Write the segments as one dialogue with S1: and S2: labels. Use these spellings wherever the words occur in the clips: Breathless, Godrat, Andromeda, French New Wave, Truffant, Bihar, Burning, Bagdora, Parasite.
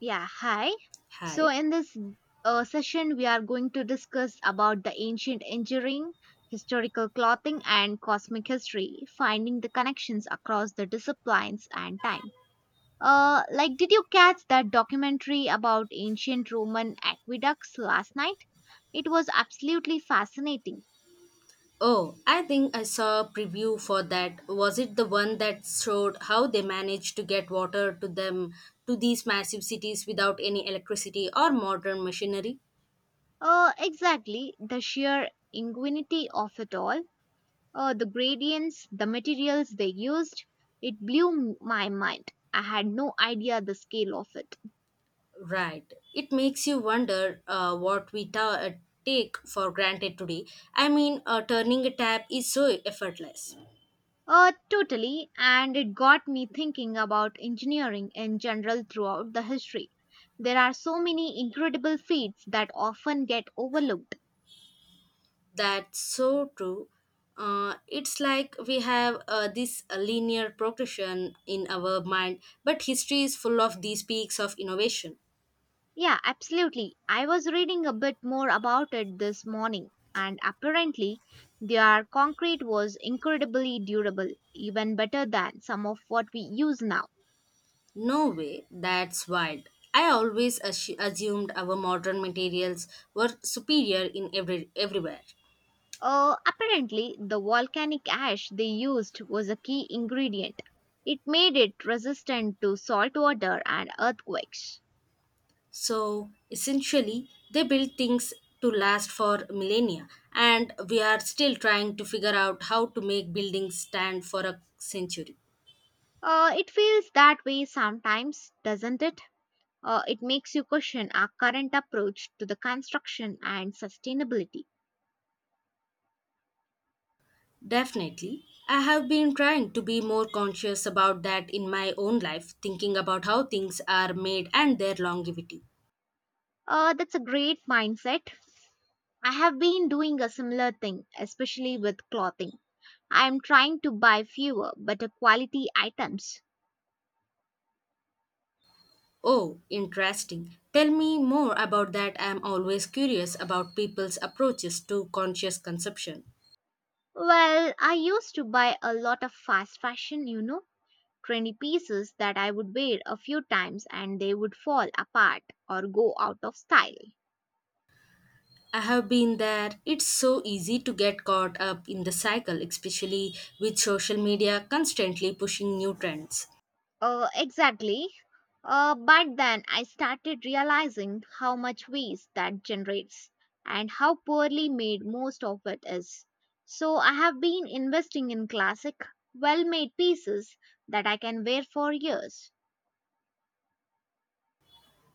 S1: Yeah, hi. So
S2: Hi.
S1: in this uh, session, we are going to discuss about the ancient engineering, historical clothing, and cosmic history, finding the connections across the disciplines and time. Like, did you catch that documentary about ancient Roman aqueducts last night? It was absolutely fascinating.
S2: Oh, I think I saw a preview for that. Was it the one that showed how they managed to get water to them to these massive cities without any electricity or modern machinery?
S1: Exactly, the sheer ingenuity of it all, the gradients, the materials they used. It blew my mind. I had no idea the scale of it.
S2: Right. It makes you wonder what we take for granted today. I mean, turning a tap is so effortless.
S1: Totally, and it got me thinking about engineering in general throughout the history. There are so many incredible feats that often get overlooked.
S2: That's so true. It's like we have this linear progression in our mind, but history is full of these peaks of innovation.
S1: Yeah, absolutely. I was reading a bit more about it this morning, and apparently, their concrete was incredibly durable, even better than some of what we use now.
S2: No way, that's wild. I always assumed our modern materials were superior in everywhere.
S1: Apparently, the volcanic ash they used was a key ingredient. It made it resistant to salt water and earthquakes.
S2: So essentially, they built things to last for millennia, and we are still trying to figure out how to make buildings stand for a century.
S1: It feels that way sometimes, doesn't it? It makes you question our current approach to the construction and sustainability.
S2: Definitely. I have been trying to be more conscious about that in my own life, thinking about how things are made and their longevity.
S1: That's a great mindset. I have been doing a similar thing, especially with clothing. I am trying to buy fewer, better quality items.
S2: Oh, interesting. Tell me more about that. I am always curious about people's approaches to conscious consumption.
S1: Well, I used to buy a lot of fast fashion, trendy pieces that I would wear a few times and they would fall apart or go out of style.
S2: I have been there. It's so easy to get caught up in the cycle, especially with social media constantly pushing new trends.
S1: Exactly, but then I started realizing how much waste that generates and how poorly made most of it is. So I have been investing in classic, well made pieces that I can wear for years.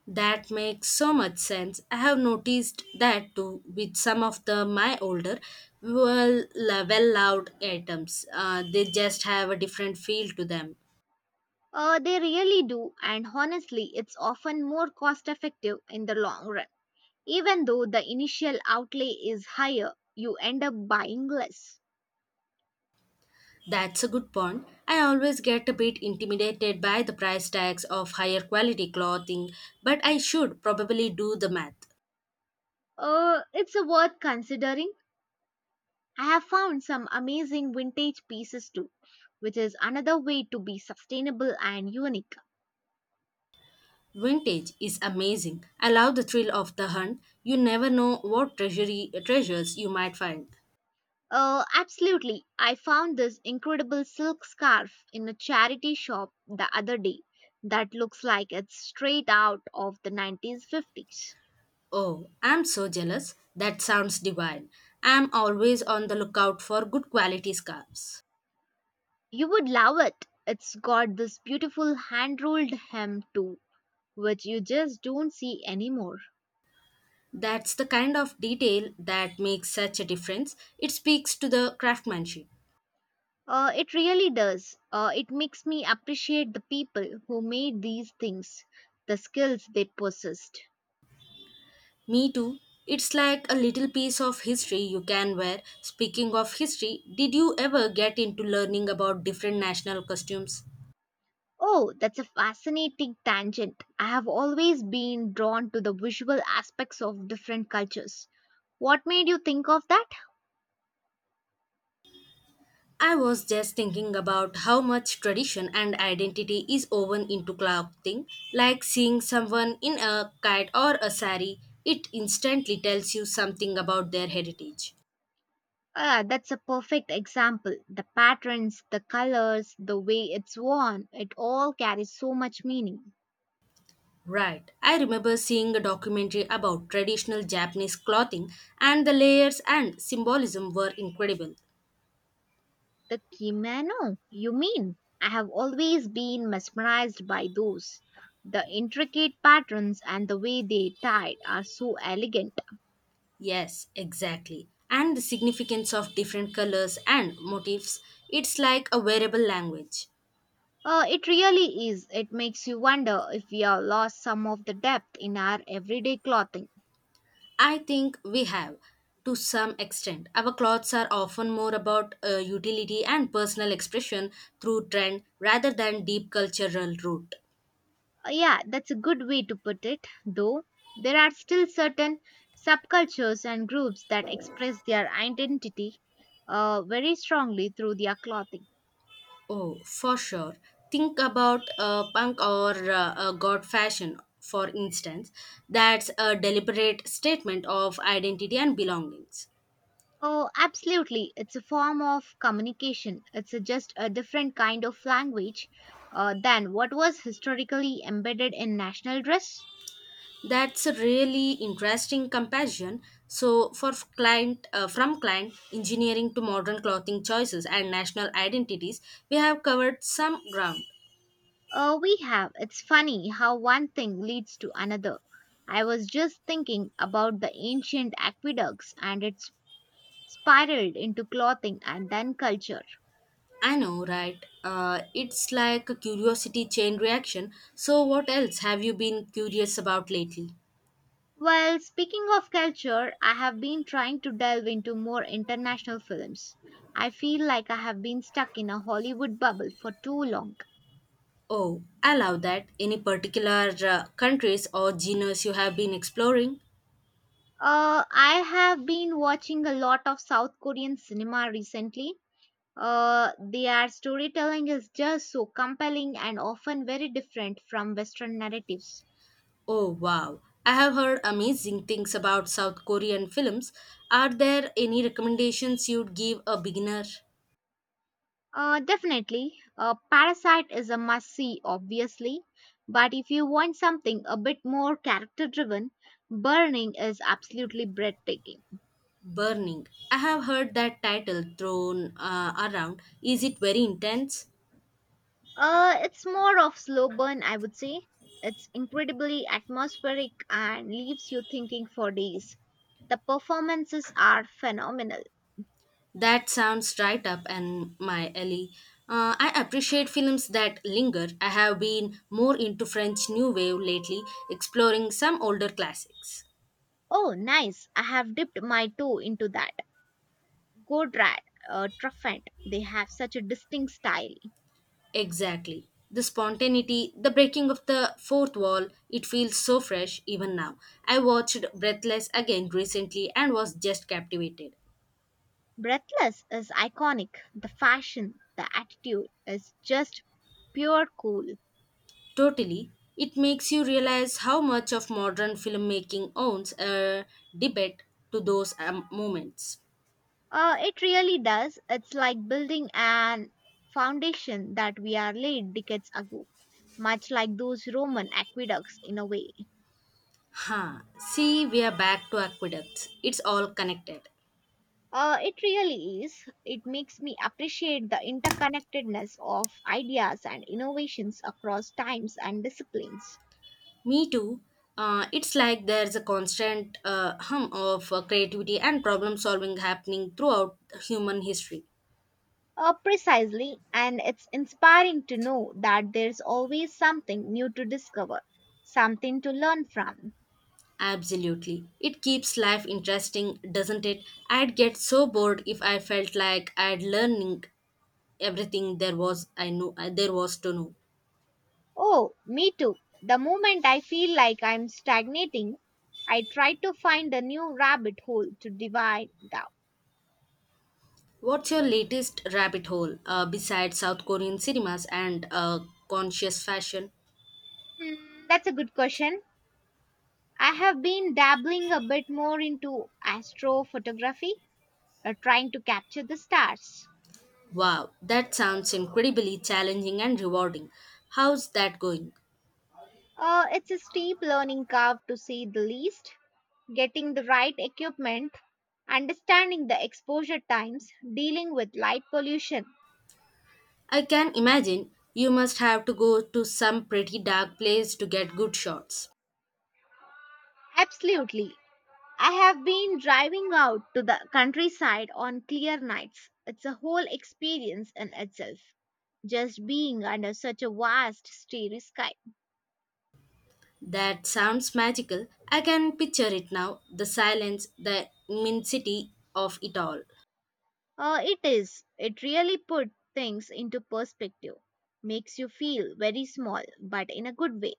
S2: That makes so much sense. I have noticed that too with some of the my older, well loved items. They just have a different feel to them.
S1: They really do, and honestly, it's often more cost effective in the long run. Even though the initial outlay is higher, you end up buying less.
S2: That's a good point. I always get a bit intimidated by the price tags of higher quality clothing, but I should probably do the math.
S1: It's a worth considering. I have found some amazing vintage pieces too, which is another way to be sustainable and unique.
S2: Vintage is amazing. I love the thrill of the hunt. You never know what treasury treasures you might find.
S1: Absolutely. I found this incredible silk scarf in a charity shop the other day that looks like it's straight out of the 1950s.
S2: Oh, I'm so jealous. That sounds divine. I'm always on the lookout for good quality scarves.
S1: You would love it. It's got this beautiful hand rolled hem too, which you just don't see anymore.
S2: That's the kind of detail that makes such a difference. It speaks to the craftsmanship.
S1: It really does. It makes me appreciate the people who made these things, the skills they possessed.
S2: Me too. It's like a little piece of history you can wear. Speaking of history, did you ever get into learning about different national costumes?
S1: Oh, that's a fascinating tangent. I have always been drawn to the visual aspects of different cultures. What made you think of that?
S2: I was just thinking about how much tradition and identity is woven into clothing. Like seeing someone in a kite or a sari, it instantly tells you something about their heritage.
S1: Ah, that's a perfect example. The patterns, the colors, the way it's worn, it all carries so much meaning.
S2: Right. I remember seeing a documentary about traditional Japanese clothing, and the layers and symbolism were incredible.
S1: The kimono, you mean? I have always been mesmerized by those. The intricate patterns and the way they tied are so elegant.
S2: Yes, exactly. And the significance of different colors and motifs, it's like a wearable language.
S1: It really is. It makes you wonder if we have lost some of the depth in our everyday clothing.
S2: I think we have, to some extent. Our clothes are often more about utility and personal expression through trend rather than deep cultural root.
S1: Yeah, that's a good way to put it, though there are still certain subcultures and groups that express their identity very strongly through their clothing.
S2: Oh, for sure. Think about punk or god fashion, for instance. That's a deliberate statement of identity and belongings.
S1: Oh, absolutely. It's a form of communication. It's just a different kind of language than what was historically embedded in national dress.
S2: That's a really interesting comparison. So, for f- client from client engineering to modern clothing choices and national identities, we have covered some ground.
S1: We have. It's funny how one thing leads to another. I was just thinking about the ancient aqueducts and its spiraled into clothing and then culture.
S2: I know, right? It's like a curiosity chain reaction. So, what else have you been curious about lately?
S1: Well, speaking of culture, I have been trying to delve into more international films. I feel like I have been stuck in a Hollywood bubble for too long.
S2: Oh, I love that. Any particular countries or genres you have been exploring?
S1: I have been watching a lot of South Korean cinema recently. Their storytelling is just so compelling and often very different from Western narratives.
S2: Oh wow. I have heard amazing things about South Korean films. Are there any recommendations you'd give a beginner?
S1: Definitely. Parasite is a must see, obviously. But if you want something a bit more character driven, Burning is absolutely breathtaking.
S2: Burning. I have heard that title thrown around. Is it very intense?
S1: It's more of slow burn, I would say. It's incredibly atmospheric and leaves you thinking for days. The performances are phenomenal.
S2: That sounds right up and my alley. I appreciate films that linger. I have been more into French New Wave lately, exploring some older classics.
S1: Oh, nice. I have dipped my toe into that. Godrat, Truffant, they have such a distinct style.
S2: Exactly. The spontaneity, the breaking of the fourth wall, it feels so fresh even now. I watched Breathless again recently and was just captivated.
S1: Breathless is iconic. The fashion, the attitude is just pure cool.
S2: Totally. It makes you realize how much of modern filmmaking owns a debate to those moments.
S1: It really does. It's like building an foundation that we are laid decades ago, much like those Roman aqueducts in a way.
S2: Huh. See, we are back to aqueducts. It's all connected.
S1: It really is. It makes me appreciate the interconnectedness of ideas and innovations across times and disciplines.
S2: Me too. It's like there's a constant hum of creativity and problem solving happening throughout human history.
S1: Precisely, and it's inspiring to know that there's always something new to discover, something to learn from.
S2: Absolutely. It keeps life interesting, doesn't it? I'd get so bored if I felt like I'd learning everything there was I knew there was to know.
S1: Oh, me too. The moment I feel like I'm stagnating, I try to find a new rabbit hole to divide down.
S2: What's your latest rabbit hole besides South Korean cinemas and conscious fashion?
S1: Hmm, that's a good question. I have been dabbling a bit more into astrophotography, trying to capture the stars.
S2: Wow, that sounds incredibly challenging and rewarding. How's that going?
S1: It's a steep learning curve to say the least, getting the right equipment, understanding the exposure times, dealing with light pollution.
S2: I can imagine you must have to go to some pretty dark place to get good shots.
S1: Absolutely. I have been driving out to the countryside on clear nights. It's a whole experience in itself. Just being under such a vast, starry sky.
S2: That sounds magical. I can picture it now the silence, the immensity of it all.
S1: It is. It really put things into perspective. Makes you feel very small, but in a good way.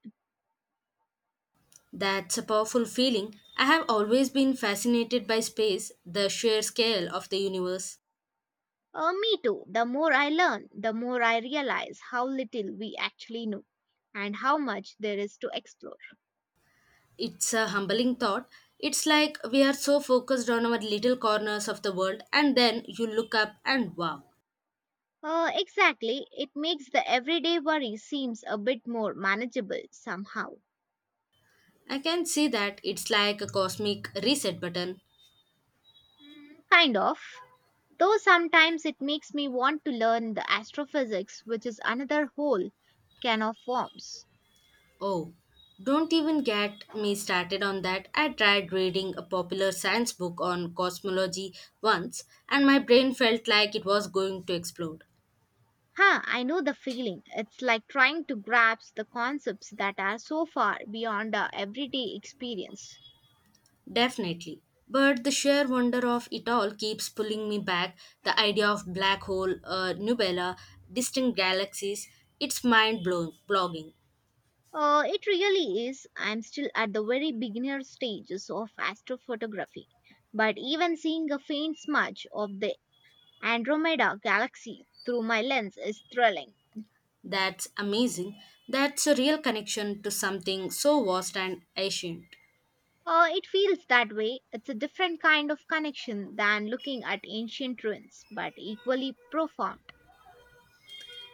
S2: That's a powerful feeling. I have always been fascinated by space, the sheer scale of the universe.
S1: Me too. The more I learn, the more I realize how little we actually know and how much there is to explore.
S2: It's a humbling thought. It's like we are so focused on our little corners of the world, and then you look up and wow.
S1: Exactly. It makes the everyday worry seems a bit more manageable somehow.
S2: I can see that it's like a cosmic reset button.
S1: Mm, kind of. Though sometimes it makes me want to learn the astrophysics, which is another whole can of worms.
S2: Oh, don't even get me started on that. I tried reading a popular science book on cosmology once, and my brain felt like it was going to explode.
S1: Huh, I know the feeling. It's like trying to grasp the concepts that are so far beyond our everyday experience.
S2: Definitely. But the sheer wonder of it all keeps pulling me back. The idea of black hole, nubella, distant galaxies, it's mind blowing.
S1: It really is. I'm still at the very beginner stages of astrophotography, but even seeing a faint smudge of the Andromeda galaxy through my lens is thrilling.
S2: That's amazing. That's a real connection to something so vast and ancient.
S1: It feels that way. It's a different kind of connection than looking at ancient ruins, but equally profound.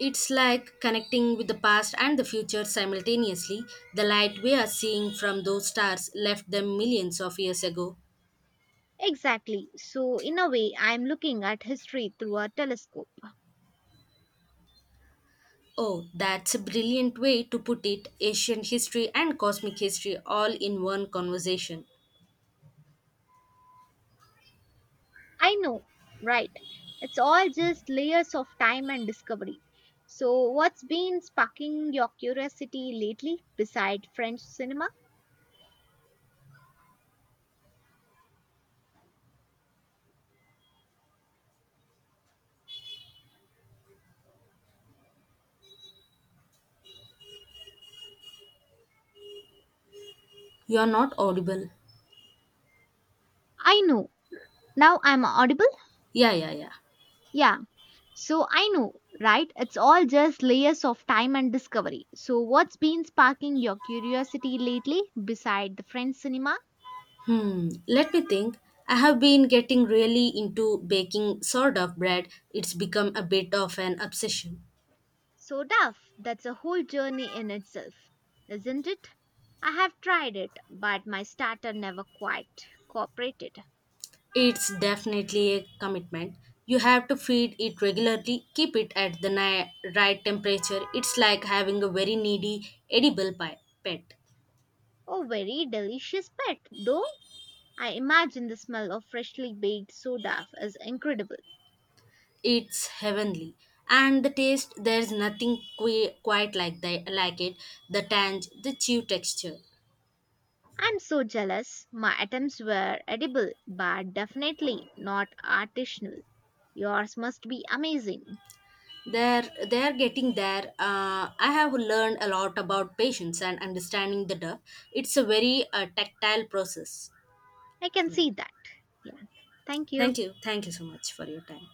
S2: It's like connecting with the past and the future simultaneously. The light we are seeing from those stars left them millions of years ago.
S1: Exactly. So, in a way, I'm looking at history through a telescope.
S2: Oh, that's a brilliant way to put it ancient history and cosmic history all in one conversation.
S1: I know, right? It's all just layers of time and discovery. So, what's been sparking your curiosity lately beside French cinema?
S2: You're not audible.
S1: I know. Now I'm audible?
S2: Yeah, yeah, yeah.
S1: Yeah. So, I know, right? It's all just layers of time and discovery. So, what's been sparking your curiosity lately beside the French cinema?
S2: Hmm, let me think. I have been getting really into baking sort of bread. It's become a bit of an obsession.
S1: So, Duff, that's a whole journey in itself, isn't it? I have tried it, but my starter never quite cooperated.
S2: It's definitely a commitment. You have to feed it regularly, keep it at the right temperature. It's like having a very needy, edible pet.
S1: Oh, very delicious pet, though. I imagine the smell of freshly baked soda is incredible.
S2: It's heavenly. And the taste, there's nothing quite like it. The tange, the chew texture.
S1: I'm so jealous. My attempts were edible, but definitely not artisanal. Yours must be amazing.
S2: They're getting there. I have learned a lot about patience and understanding the duck. It's a very tactile process.
S1: I can
S2: Yeah.
S1: see that. Yeah. Thank you.
S2: Thank you. Thank you so much for your time.